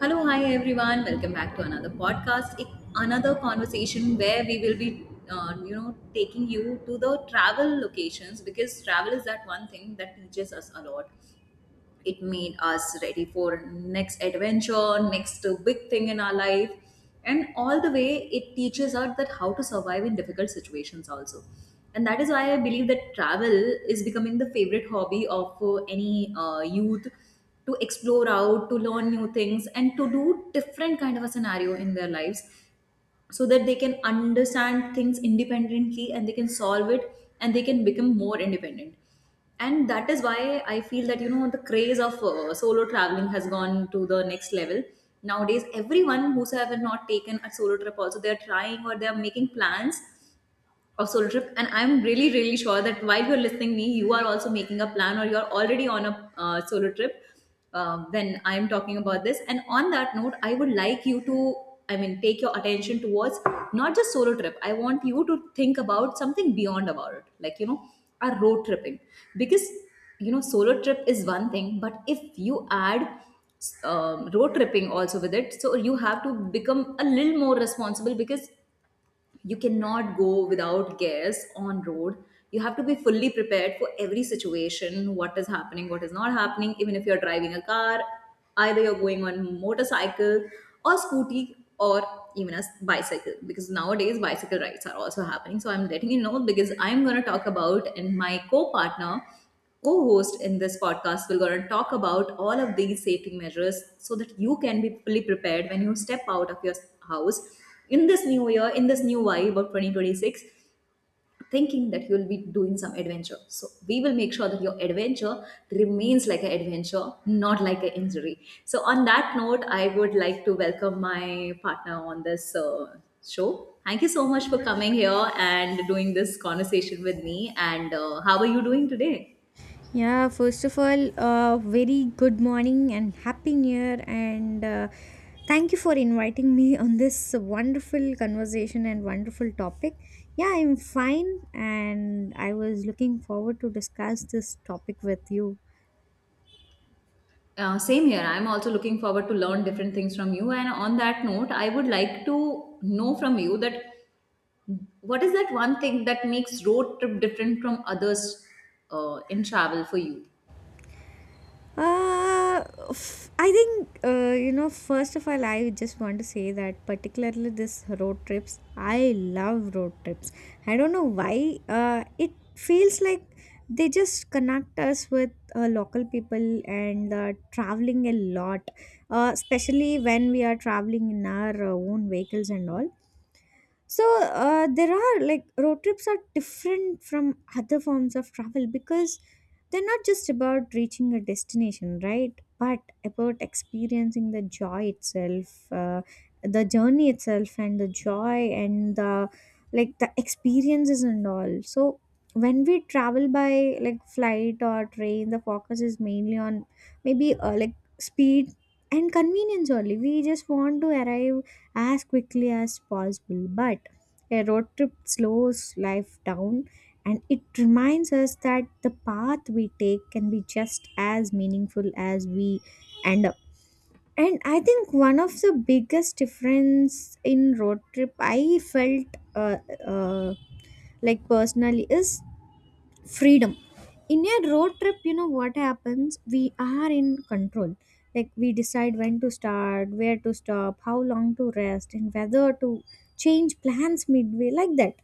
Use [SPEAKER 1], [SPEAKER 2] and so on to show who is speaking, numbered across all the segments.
[SPEAKER 1] Hello, hi everyone. Welcome back to another podcast, another conversation where we will be, taking you to the travel locations because travel is that one thing that teaches us a lot. It made us ready for next adventure, next big thing in our life, and all the way it teaches us that how to survive in difficult situations also. And that is why I believe that travel is becoming the favorite hobby of any youth, to explore out, to learn new things, and to do different kind of a scenario in their lives so that they can understand things independently and they can solve it and they can become more independent. And that is why I feel that, you know, the craze of solo traveling has gone to the next level. Nowadays everyone who's ever not taken a solo trip also, they're trying or they're making plans of solo trip, and I'm really sure that while you're listening me, you are also making a plan or you're already on a solo trip. When I'm talking about this, and on that note, I would like you to, I mean, take your attention towards not just solo trip. I want you to think about something beyond about it, like, you know, a road tripping. Because, you know, solo trip is one thing, but if you add road tripping also with it, so you have to become a little more responsible, because you cannot go without gears on road. You have to be fully prepared for every situation, what is happening, what is not happening, even if you're driving a car, either you're going on motorcycle or scooty, or even a bicycle, because nowadays bicycle rides are also happening. So I'm letting you know, because I'm going to talk about, and my co-partner, co-host in this podcast will going to talk about all of these safety measures so that you can be fully prepared when you step out of your house in this new year, in this new vibe of 2026, thinking that you'll be doing some adventure. So we will make sure that your adventure remains like an adventure, not like an injury. So on that note, I would like to welcome my partner on this show. Thank you so much for coming here and doing this conversation with me, and how are you doing today?
[SPEAKER 2] Yeah, first of all, very good morning and happy new year. And thank you for inviting me on this wonderful conversation and wonderful topic. Yeah, I'm fine, and I was looking forward to discuss this topic with you.
[SPEAKER 1] Same here. I'm also looking forward to learn different things from you. And on that note, I would like to know from you that what is that one thing that makes road trip different from others, in travel for you?
[SPEAKER 2] Uh, I think, first of all, I just want to say that particularly this road trips, I love road trips. I don't know why. It feels like they just connect us with local people and traveling a lot, especially when we are traveling in our own vehicles and all, so there are, like, road trips are different from other forms of travel because they're not just about reaching a destination, right, but about experiencing the joy itself, the journey itself, and the joy and the, like, the experiences and all. So when we travel by, like, flight or train, the focus is mainly on, maybe, like, speed and convenience only. We just want to arrive as quickly as possible. But a road trip slows life down, and it reminds us that the path we take can be just as meaningful as we end up. And I think one of the biggest difference in road trip I felt, uh, uh, like, personally, is freedom. In a road trip, you know what happens, we are in control, like we decide when to start, where to stop, how long to rest, and whether to change plans midway, like that.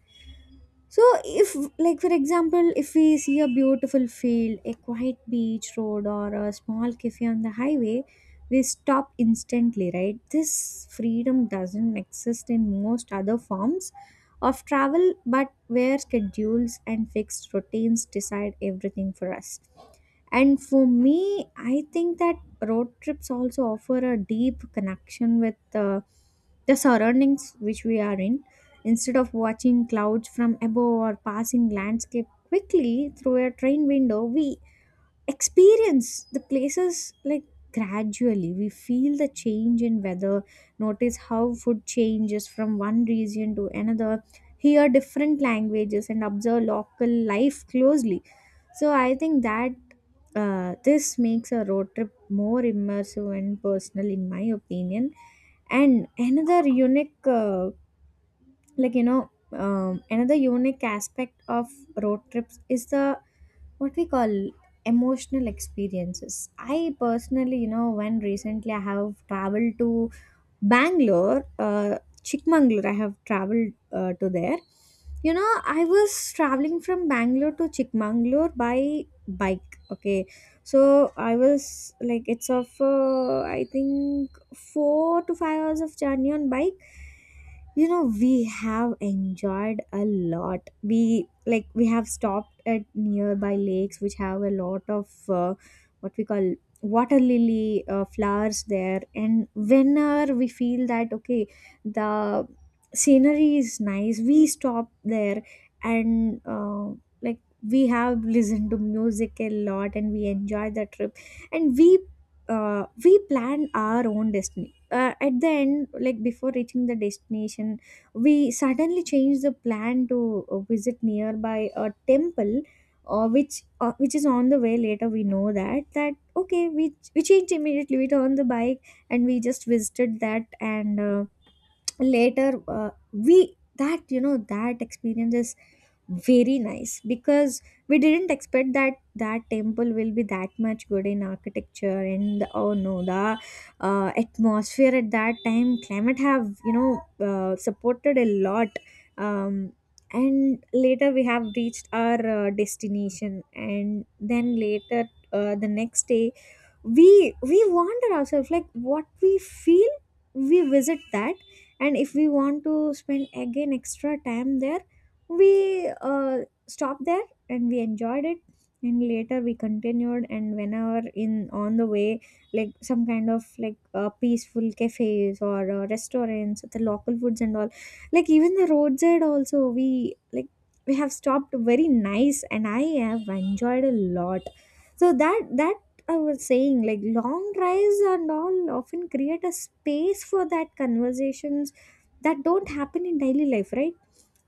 [SPEAKER 2] So, if, like, for example, if we see a beautiful field, a quiet beach road, or a small cafe on the highway, we stop instantly, right? This freedom doesn't exist in most other forms of travel, but where schedules and fixed routines decide everything for us. And for me, I think that road trips also offer a deep connection with the surroundings which we are in. Instead of watching clouds from above or passing landscape quickly through a train window, we experience the places, like, gradually we feel the change in weather, notice how food changes from one region to another, hear different languages, and observe local life closely. So I think that this makes a road trip more immersive and personal, in my opinion. And another unique, another unique aspect of road trips is the, what we call, emotional experiences. I personally, you know, when recently I have traveled to Bangalore, Chikmagalur, I have traveled to there, you know. I was traveling from Bangalore to Chikmagalur by bike, okay. So I was, like, it's of, I think, 4 to 5 hours of journey on bike. You know, we have enjoyed a lot. We, like, we have stopped at nearby lakes which have a lot of, what we call, water lily flowers there, and whenever we feel that, okay, the scenery is nice, we stop there. And like, we have listened to music a lot and we enjoy the trip. And we plan our own destination, at the end, like before reaching the destination, we suddenly changed the plan to visit nearby a temple, which is on the way. Later we know that that, okay, we changed immediately, we turned the bike, and we just visited that. And later, we that, you know, that experience is very nice because we didn't expect that that temple will be that much good in architecture. And, oh no, the atmosphere at that time, climate, have, you know, supported a lot. um, and later, we have reached our destination, and then later, the next day, we wander ourselves, like, what we feel we visit that. And if we want to spend again extra time there, we stopped there, and we enjoyed it. And later we continued, and whenever in on the way, like some kind of, like, peaceful cafes or restaurants, the local foods and all, like even the roadside also, we, like, we have stopped, very nice, and I have enjoyed a lot. So that that I was saying, like long drives and all often create a space for that conversations that don't happen in daily life, right?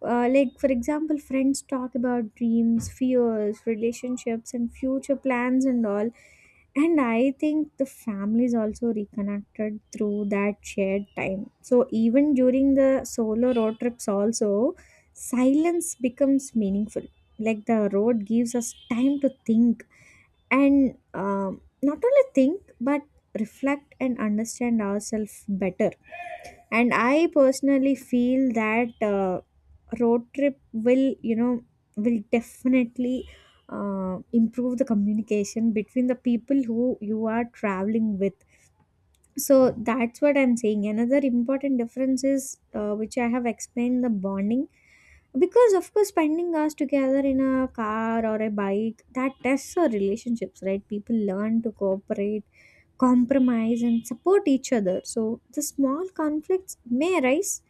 [SPEAKER 2] Like for example, friends talk about dreams, fears, relationships, and future plans and all. And I think the family is also reconnected through that shared time. So even during the solo road trips, also silence becomes meaningful. Like the road gives us time to think, and not only think but reflect and understand ourselves better. And I personally feel that road trip will, you know, will definitely improve the communication between the people who you are traveling with. So that's what I'm saying, another important difference is, which I have explained, the bonding, because of course spending hours together in a car or a bike, that tests our relationships, right? People learn to cooperate, compromise, and support each other. So the small conflicts may arise,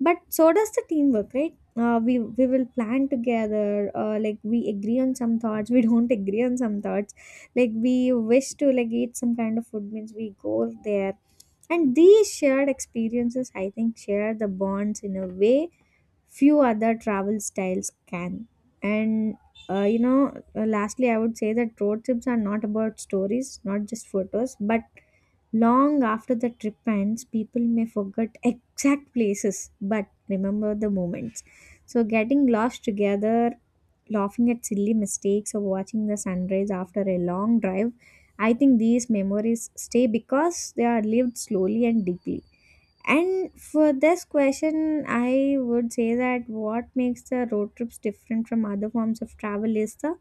[SPEAKER 2] but so does the teamwork, right? We will plan together. Like we agree on some thoughts, we don't agree on some thoughts. Like we wish to, like, eat some kind of food means we go there, and these shared experiences, I think, share the bonds in a way few other travel styles can. And lastly, I would say that road trips are not about stories, not just photos, but long after the trip ends, people may forget exact places but remember the moments. So, getting lost together, laughing at silly mistakes, or watching the sunrise after a long drive, I think these memories stay because they are lived slowly and deeply. And for this question, I would say that what makes the road trips different from other forms of travel is the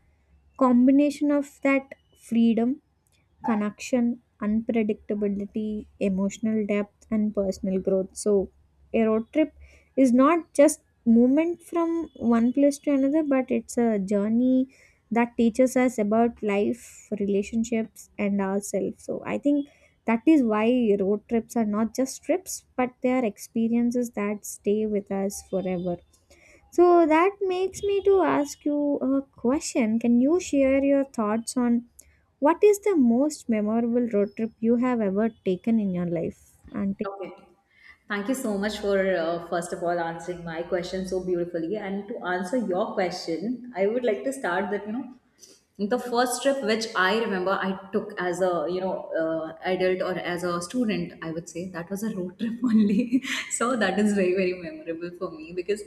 [SPEAKER 2] combination of that freedom, connection, unpredictability, emotional depth, and personal growth. So, a road trip is not just movement from one place to another, but it's a journey that teaches us about life, relationships, and ourselves. So, I think that is why road trips are not just trips, but they are experiences that stay with us forever. So that makes me to ask you a question. Can you share your thoughts on what is the most memorable road trip you have ever taken in your life? And
[SPEAKER 1] Okay. Thank you so much for, first of all, answering my question so beautifully. And to answer your question, I would like to start that, you know, the first trip which I remember I took as a, you know, adult or as a student, I would say that was a road trip only. So that is very, very memorable for me because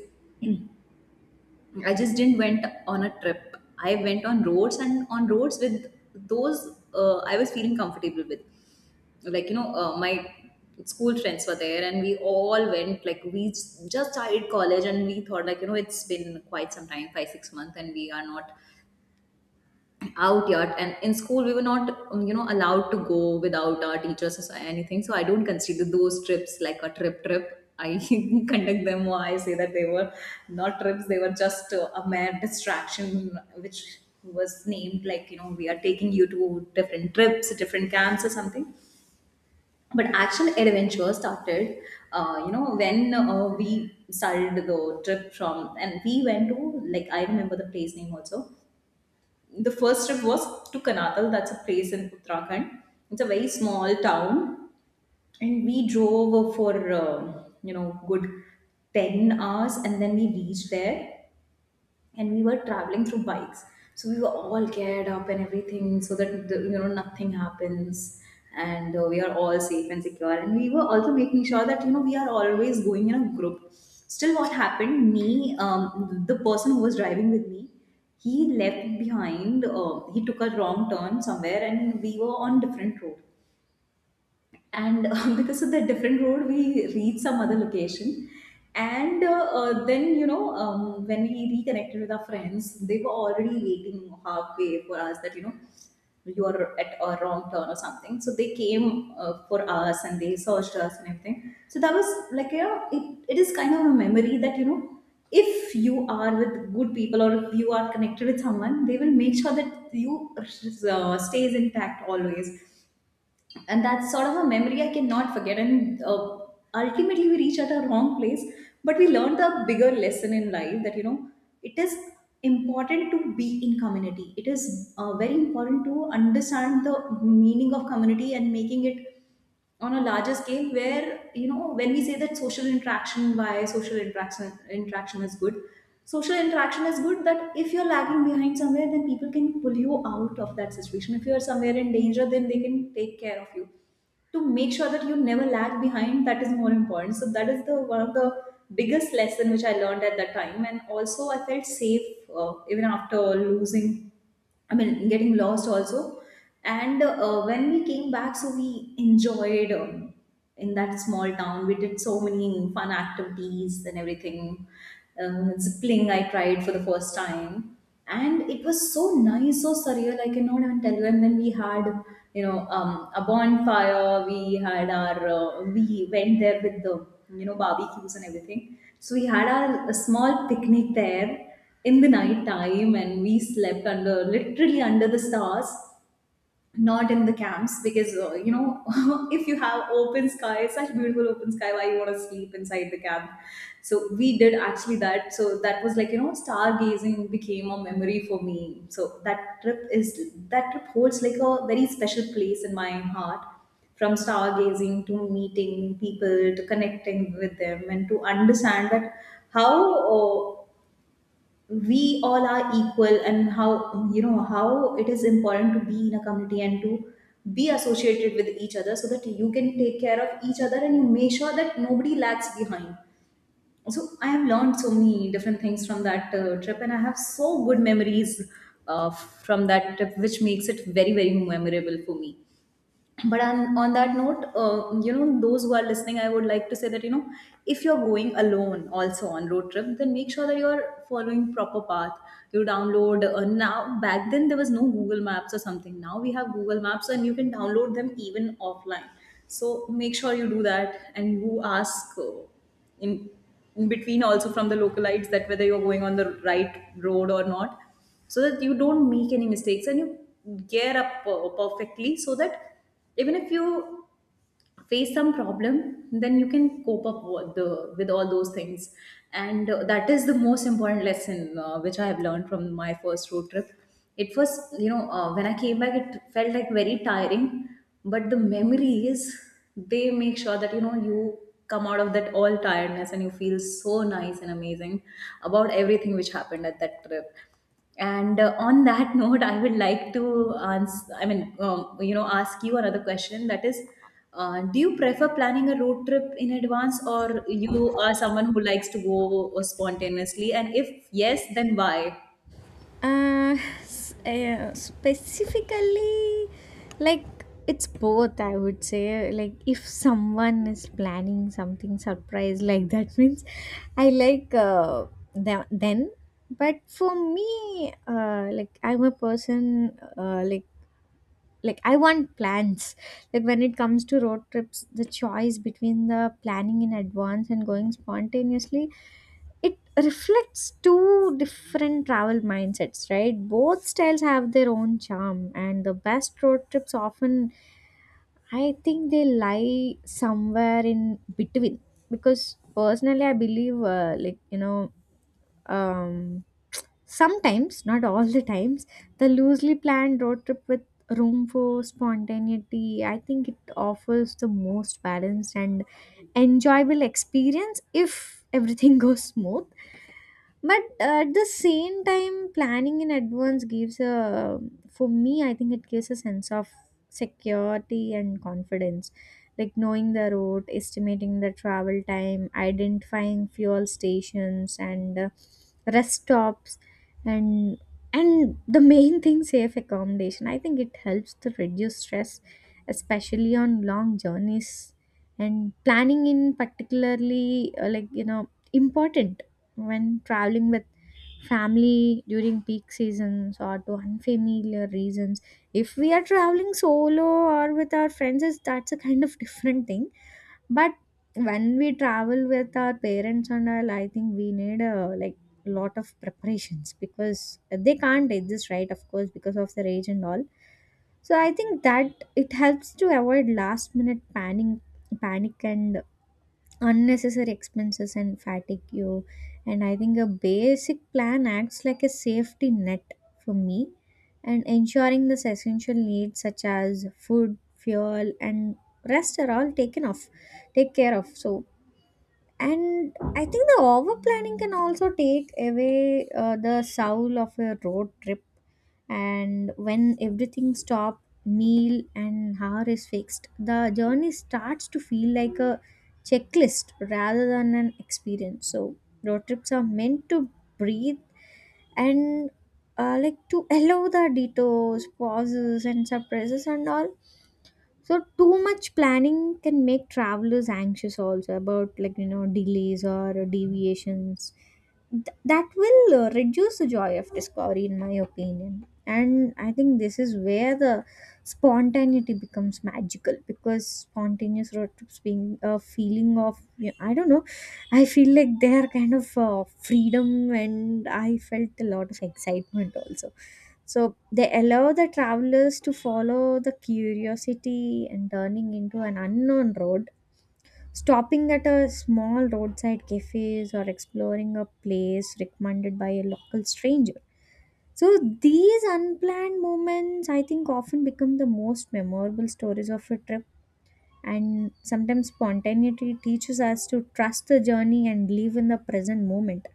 [SPEAKER 1] I just didn't went on a trip. I went on roads, and on roads with those, I was feeling comfortable with, like, you know, my school friends were there, and we all went, like, just started college, and we thought, like, you know, it's been quite some time, 5 6 months, and we are not out yet, and in school we were not, you know, allowed to go without our teachers or anything. So I don't consider those trips like a trip trip. I conduct them, or I say that they were not trips, they were just a mere distraction which was named like, you know, we are taking you to different trips, different camps or something. But actual adventure started, you know, when we started the trip from, and we went to, like, I remember the place name also. The first trip was to Kanadal. That's a place in Uttarakhand. It's a very small town, and we drove for uh, you know, good 10 hours, and then we reached there. And we were traveling through bikes, so we were all geared up and everything so that, the, you know, nothing happens and we are all safe and secure. And we were also making sure that, you know, we are always going in a group. Still what happened, me, the person who was driving with me, he left behind, he took a wrong turn somewhere and we were on different road, and because of the different road we reached some other location. And then, you know, when we reconnected with our friends, they were already waiting halfway for us, that, you know, you are at a wrong turn or something. So they came for us, and they searched us and everything. So that was, like, you know, it is kind of a memory that, you know, if you are with good people or if you are connected with someone, they will make sure that you stays intact always. And that's sort of a memory I cannot forget. And ultimately, we reach at a wrong place, but we learned the bigger lesson in life, that, you know, it is important to be in community. It is very important to understand the meaning of community and making it on a larger scale, where, you know, when we say that social interaction, why social interaction is good, social interaction is good, that if you're lagging behind somewhere, then people can pull you out of that situation. If you're somewhere in danger, then they can take care of you, to make sure that you never lag behind. That is more important. So that is the one of the biggest lesson which I learned at that time. And also I felt safe, even after losing, I mean, getting lost also. And when we came back, so we enjoyed, in that small town. We did so many fun activities and everything. Zippling I tried for the first time, and it was so nice, so surreal. I cannot even tell you. And then we had, you know, a bonfire. We had our, we went there with the, you know, barbecues and everything. So we had our a small picnic there in the night time, and we slept under, literally under the stars, not in the camps, because, you know, if you have open sky, such beautiful open sky, why you want to sleep inside the camp? So we did actually that. So that was, like, you know, stargazing became a memory for me. So that trip is, that trip holds like a very special place in my heart, from stargazing to meeting people to connecting with them, and to understand that how we all are equal, and how, you know, how it is important to be in a community and to be associated with each other, so that you can take care of each other and you make sure that nobody lags behind. So I have learned so many different things from that trip, and I have so good memories from that trip, which makes it very, very memorable for me. But on that note, you know, those who are listening, I would like to say that, you know, if you're going alone also on road trip, then make sure that you're following proper path. You download, now back then there was no Google Maps or something, now we have Google Maps and you can download them even offline, so make sure you do that. And you ask, in in between also from the localites, that whether you're going on the right road or not, so that you don't make any mistakes, and you gear up perfectly, so that even if you face some problem, then you can cope up with the, with all those things. And that is the most important lesson which I have learned from my first road trip. It was, you know, when I came back, it felt like very tiring, but the memories, they make sure that, you know, you come out of that all tiredness and you feel so nice and amazing about everything which happened at that trip. And on that note, I would like to answer, I mean, you know, ask you another question. That is, do you prefer planning a road trip in advance, or you are someone who likes to go spontaneously? And if yes, then why?
[SPEAKER 2] Uh, specifically, like, it's both, I would say. Like, if someone is planning something surprise, like, that means I like, then. But for me, like, I'm a person, uh, like like I want plans. Like when it comes to road trips, the choice between the planning in advance and going spontaneously, it reflects two different travel mindsets, right? Both styles have their own charm, and the best road trips often, I think, they lie somewhere in between, because personally I believe, um, sometimes, not all the times, the loosely planned road trip with room for spontaneity, I think it offers the most balanced and enjoyable experience if everything goes smooth. But at the same time, planning in advance gives a, for me, I think it gives a sense of security and confidence, like knowing the route, estimating the travel time, identifying fuel stations, and rest stops, and and the main thing, safe accommodation. I think it helps to reduce stress, especially on long journeys. And planning in particularly, important when traveling with family during peak seasons or to unfamiliar reasons, if we are traveling solo or with our friends, is that's a kind of different thing. But when we travel with our parents and all, I think we need a, like, lot of preparations because they can't exist, right, of course, because of their age and all. So I think that it helps to avoid last minute panic and unnecessary expenses and fatigue you. And I think a basic plan acts like a safety net for me, and ensuring this essential needs such as food, fuel, and rest are all taken off, take care of. So, and I think the over planning can also take away the soul of a road trip. And when everything, stop meal and hour, is fixed, the journey starts to feel like a checklist rather than an experience. So road trips are meant to breathe, and like, to allow the detours, pauses, and surprises and all. So too much planning can make travelers anxious also about, like, you know, delays or deviations. That will reduce the joy of discovery, in my opinion. And I think this is where the spontaneity becomes magical, because spontaneous road trips being a feeling of, you, I don't know, I feel like they are kind of freedom, and I felt a lot of excitement also. So they allow the travelers to follow the curiosity and turning into an unknown road, stopping at a small roadside cafes or exploring a place recommended by a local stranger. So these unplanned moments, I think, often become the most memorable stories of a trip. And sometimes spontaneity teaches us to trust the journey and live in the present moment.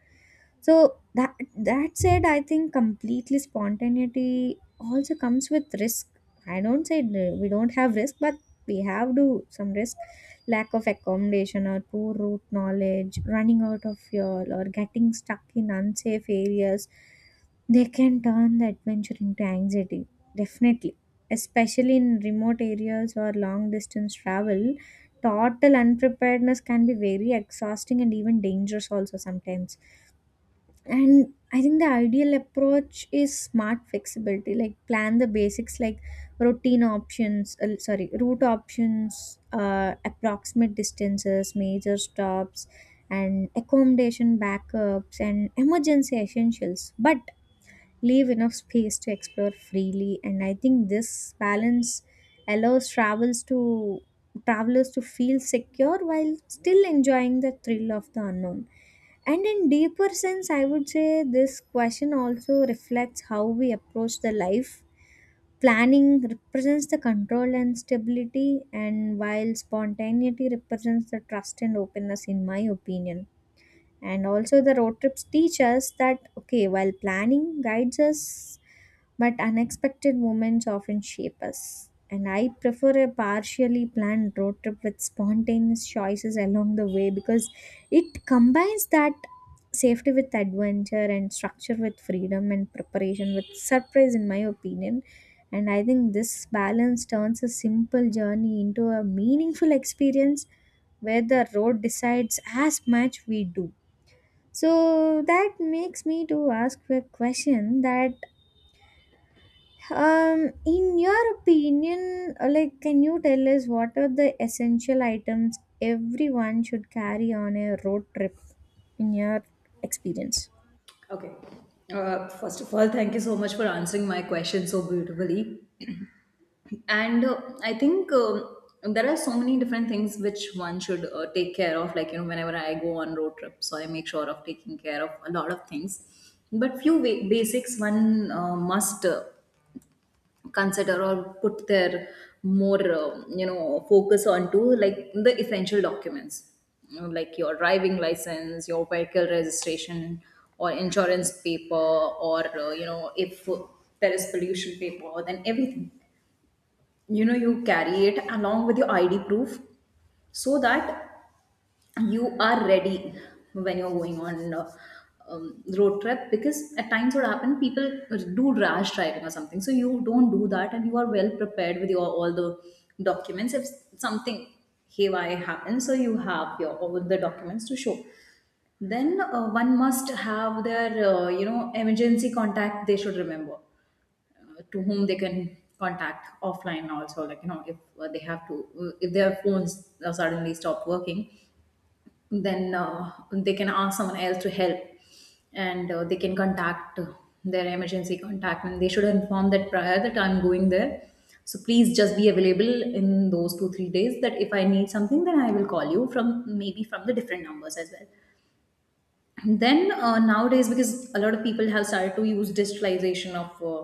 [SPEAKER 2] So that said, I think completely spontaneity also comes with risk. I don't say, we don't have risk, but we have to some risk, lack of accommodation or poor route knowledge, running out of fuel, or getting stuck in unsafe areas. They can turn the adventure into anxiety, definitely, especially in remote areas or long distance travel. Total unpreparedness can be very exhausting and even dangerous also sometimes. And I think the ideal approach is smart flexibility, like plan the basics, like routine options, sorry, route options, approximate distances, major stops, and accommodation backups and emergency essentials. But leave enough space to explore freely. And I think this balance allows travels to travelers to feel secure while still enjoying the thrill of the unknown. And in deeper sense, I would say this question also reflects how we approach the life. Planning represents the control and stability, and while spontaneity represents the trust and openness, in my opinion. And also the road trips teach us that, okay, while planning guides us, but unexpected moments often shape us. And I prefer a partially planned road trip with spontaneous choices along the way because it combines that safety with adventure and structure with freedom and preparation with surprise, in my opinion. And I think this balance turns a simple journey into a meaningful experience where the road decides as much we do. So that makes me to ask a question that, in your opinion, like, can you tell us what are the essential items everyone should carry on a road trip, in your experience?
[SPEAKER 1] Okay. First of all, thank you so much for answering my question so beautifully. And I think there are so many different things which one should take care of, like you know, whenever I go on road trip, so I make sure of taking care of a lot of things. But few basics one must consider or put their more you know focus onto, like the essential documents, you know, like your driving license, your vehicle registration or insurance paper, or you know, if there is pollution paper, then everything, you know, you carry it along with your ID proof, so that you are ready when you're going on road trip. Because at times what happen, people do rash driving or something, so you don't do that, and you are well prepared with your all the documents. If something haywire happens, so you have your all the documents to show. Then one must have their you know emergency contact, they should remember to whom they can contact offline also, like you know, if they have to if their phones suddenly stop working, then they can ask someone else to help, and they can contact their emergency contact, and they should inform that prior that I'm going there, so please just be available in those 2 3 days, that if I need something, then I will call you from, maybe from the different numbers as well. And then nowadays, because a lot of people have started to use digitalization of uh,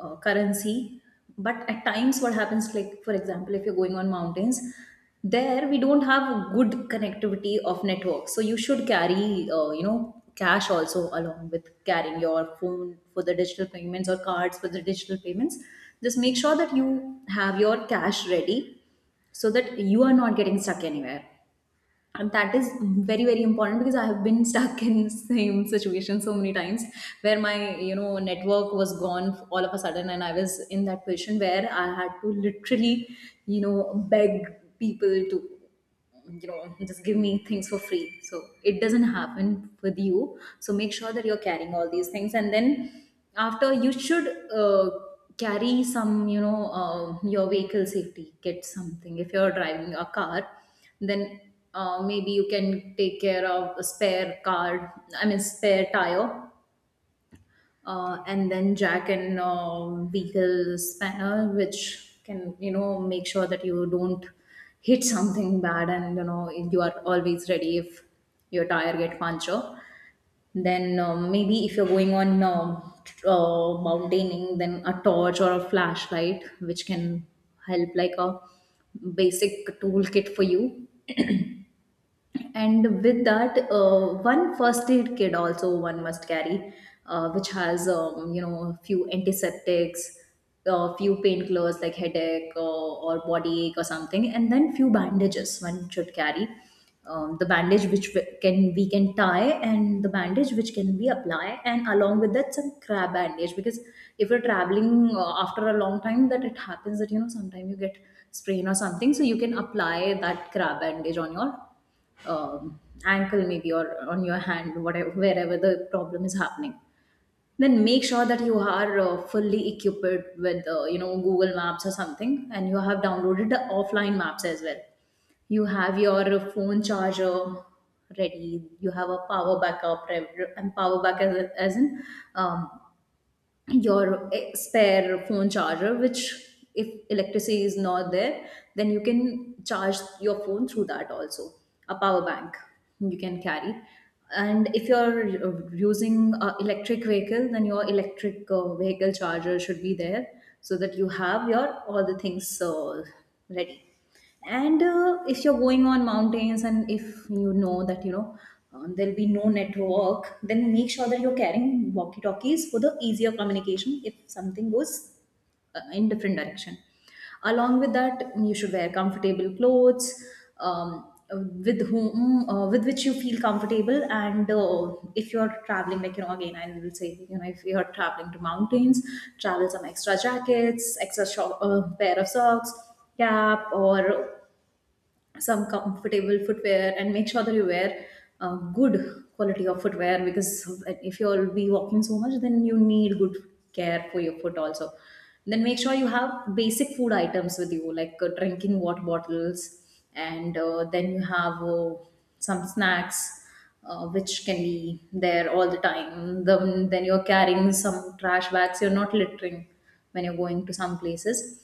[SPEAKER 1] uh, currency. But at times what happens, like for example, if you're going on mountains, there we don't have good connectivity of network, so you should carry you know, cash also, along with carrying your phone for the digital payments, or cards for the digital payments. Just make sure that you have your cash ready, so that you are not getting stuck anywhere. And that is very, very important, because I have been stuck in same situation so many times, where my you know network was gone all of a sudden, and I was in that position where I had to literally, you know, beg people to, you know, just give me things for free. So it doesn't happen with you, so make sure that you're carrying all these things. And then after, you should carry some, you know, your vehicle safety kit, something. If you're driving a car, then maybe you can take care of a spare card, I mean spare tire, and then jack, and vehicle spanner, which can, you know, make sure that you don't hit something bad, and you know you are always ready if your tire get puncture. Then maybe if you're going on mountaining, then a torch or a flashlight, which can help, like a basic toolkit for you. And with that one first aid kit also one must carry, which has, you know, a few antiseptics, a few painkillers like headache or body ache or something, and then few bandages one should carry. The bandage which we can tie, and the bandage which can be apply, and along with that some crab bandage, because if you're traveling after a long time, that it happens that, you know, sometimes you get sprain or something, so you can apply that crab bandage on your um, ankle maybe, or on your hand, whatever, wherever the problem is happening. Then make sure that you are fully equipped with you know, Google Maps or something, and you have downloaded the offline maps as well. You have your phone charger ready, you have a power backup and power back, as in, um, your spare phone charger, which if electricity is not there, then you can charge your phone through that also. A power bank you can carry. And if you're using electric vehicle, then your electric vehicle charger should be there, so that you have your all the things ready. And if you're going on mountains, and if you know that, you know, there'll be no network, then make sure that you're carrying walkie talkies for the easier communication, if something goes in different direction. Along with that, you should wear comfortable clothes, with whom, with which you feel comfortable. And if you're traveling, like, you know, again I will say, you know, if you're traveling to mountains, travel some extra jackets, extra pair of socks, cap, or some comfortable footwear. And make sure that you wear good quality of footwear, because if you'll be walking so much, then you need good care for your foot also. Then make sure you have basic food items with you, like drinking water bottles, and then you have some snacks which can be there all the time. Then you're carrying some trash bags, you're not littering when you're going to some places.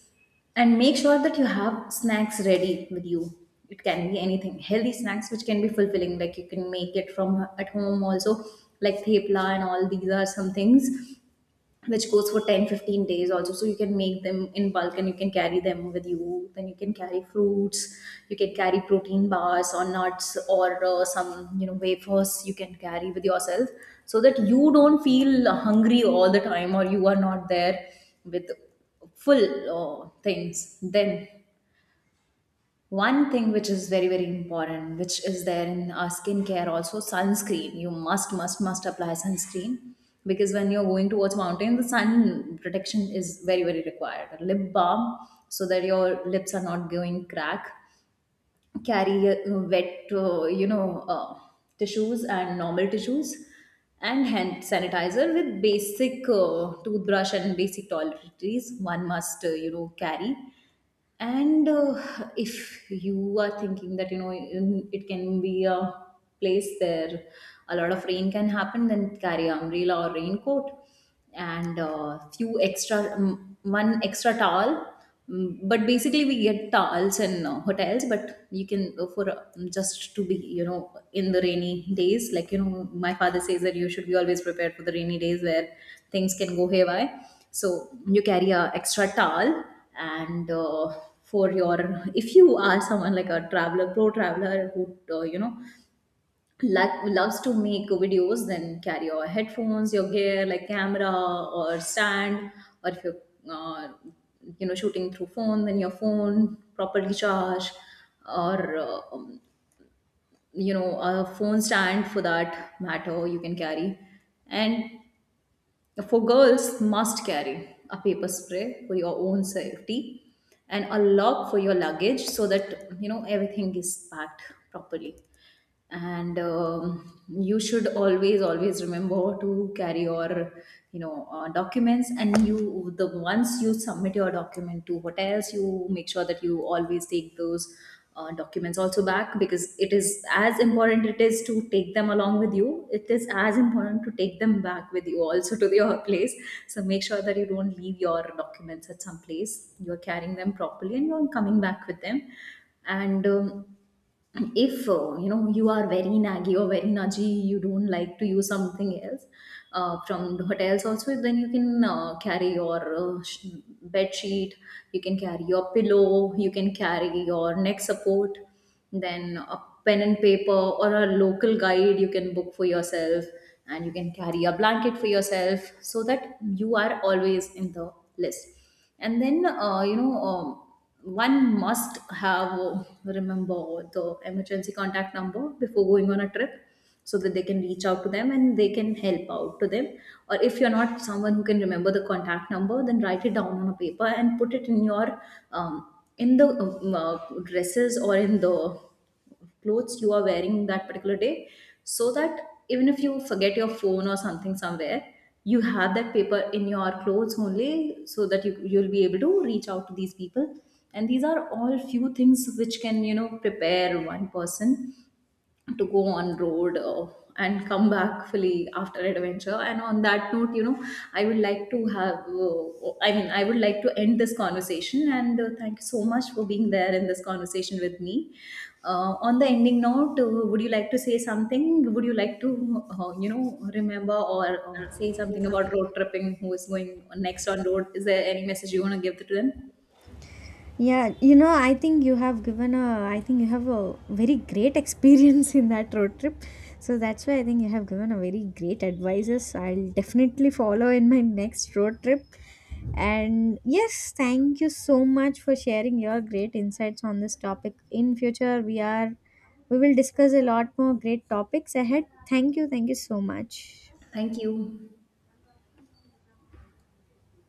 [SPEAKER 1] And make sure that you have snacks ready with you. It can be anything, healthy snacks which can be fulfilling, like you can make it from at home also, like thepla and all. These are some things which goes for 10-15 days also, so you can make them in bulk and you can carry them with you. Then you can carry fruits, you can carry protein bars or nuts, or some, you know, wafers you can carry with yourself, so that you don't feel hungry all the time, or you are not there with full things. Then one thing which is very, very important, which is there in our skincare also, sunscreen. You must apply sunscreen, because when you're going towards mountain, the sun protection is very, very required. A lip balm, so that your lips are not going crack. Carry wet, you know, tissues and normal tissues, and hand sanitizer with basic toothbrush and basic toiletries, one must, you know, carry. And if you are thinking that, you know, it can be a place where a lot of rain can happen, then carry an umbrella or raincoat. And few extra, one extra towel. Mm, but basically we get towels in hotels, but you can, for just to be, you know, in the rainy days, like you know, my father says that you should be always prepared for the rainy days where things can go haywire. So you carry a extra towel. And for your, if you are someone like a traveler, pro traveler, who you know, like loves to make videos, then carry your headphones, your gear, like camera or stand. Or if you're uh, you know, shooting through phone, then your phone properly charged, or you know, a phone stand, for that matter you can carry. And for girls, must carry a paper spray for your own safety, and a lock for your luggage, so that you know everything is packed properly. And you should always, always remember to carry your, you know, documents. And you, the once you submit your document to hotels, you make sure that you always take those documents also back. Because it is as important, it is to take them along with you, it is as important to take them back with you also, to your place. So make sure that you don't leave your documents at some place, you're carrying them properly, and you're coming back with them. And um, and if you know, you are very naggy or very nudgy, you don't like to use something else from the hotels also, then you can carry your bed sheet, you can carry your pillow, you can carry your neck support. Then a pen and paper, or a local guide you can book for yourself. And you can carry a blanket for yourself, so that you are always in the list. And then you know, one must have, remember the emergency contact number before going on a trip, so that they can reach out to them and they can help out to them. Or if you're not someone who can remember the contact number, then write it down on a paper and put it in your um, in the dresses, or in the clothes you are wearing that particular day, so that even if you forget your phone or something somewhere, you have that paper in your clothes only, so that you'll be able to reach out to these people. And these are all few things which can, you know, prepare one person to go on road and come back fully after adventure. And on that note, you know, I would like to have, I mean, I would like to end this conversation, and thank you so much for being there in this conversation with me. On the ending note, would you like to say something, would you like to you know, remember, or say something about road tripping, who is going next on road, is there any message you want to give to them?
[SPEAKER 2] Yeah, you know, I think you have given a, I think you have a very great experience in that road trip. So that's why I think you have given a very great advices. I'll definitely follow in my next road trip. And yes, thank you so much for sharing your great insights on this topic. In future, we will discuss a lot more great topics ahead. Thank you. Thank you so much.
[SPEAKER 1] Thank you.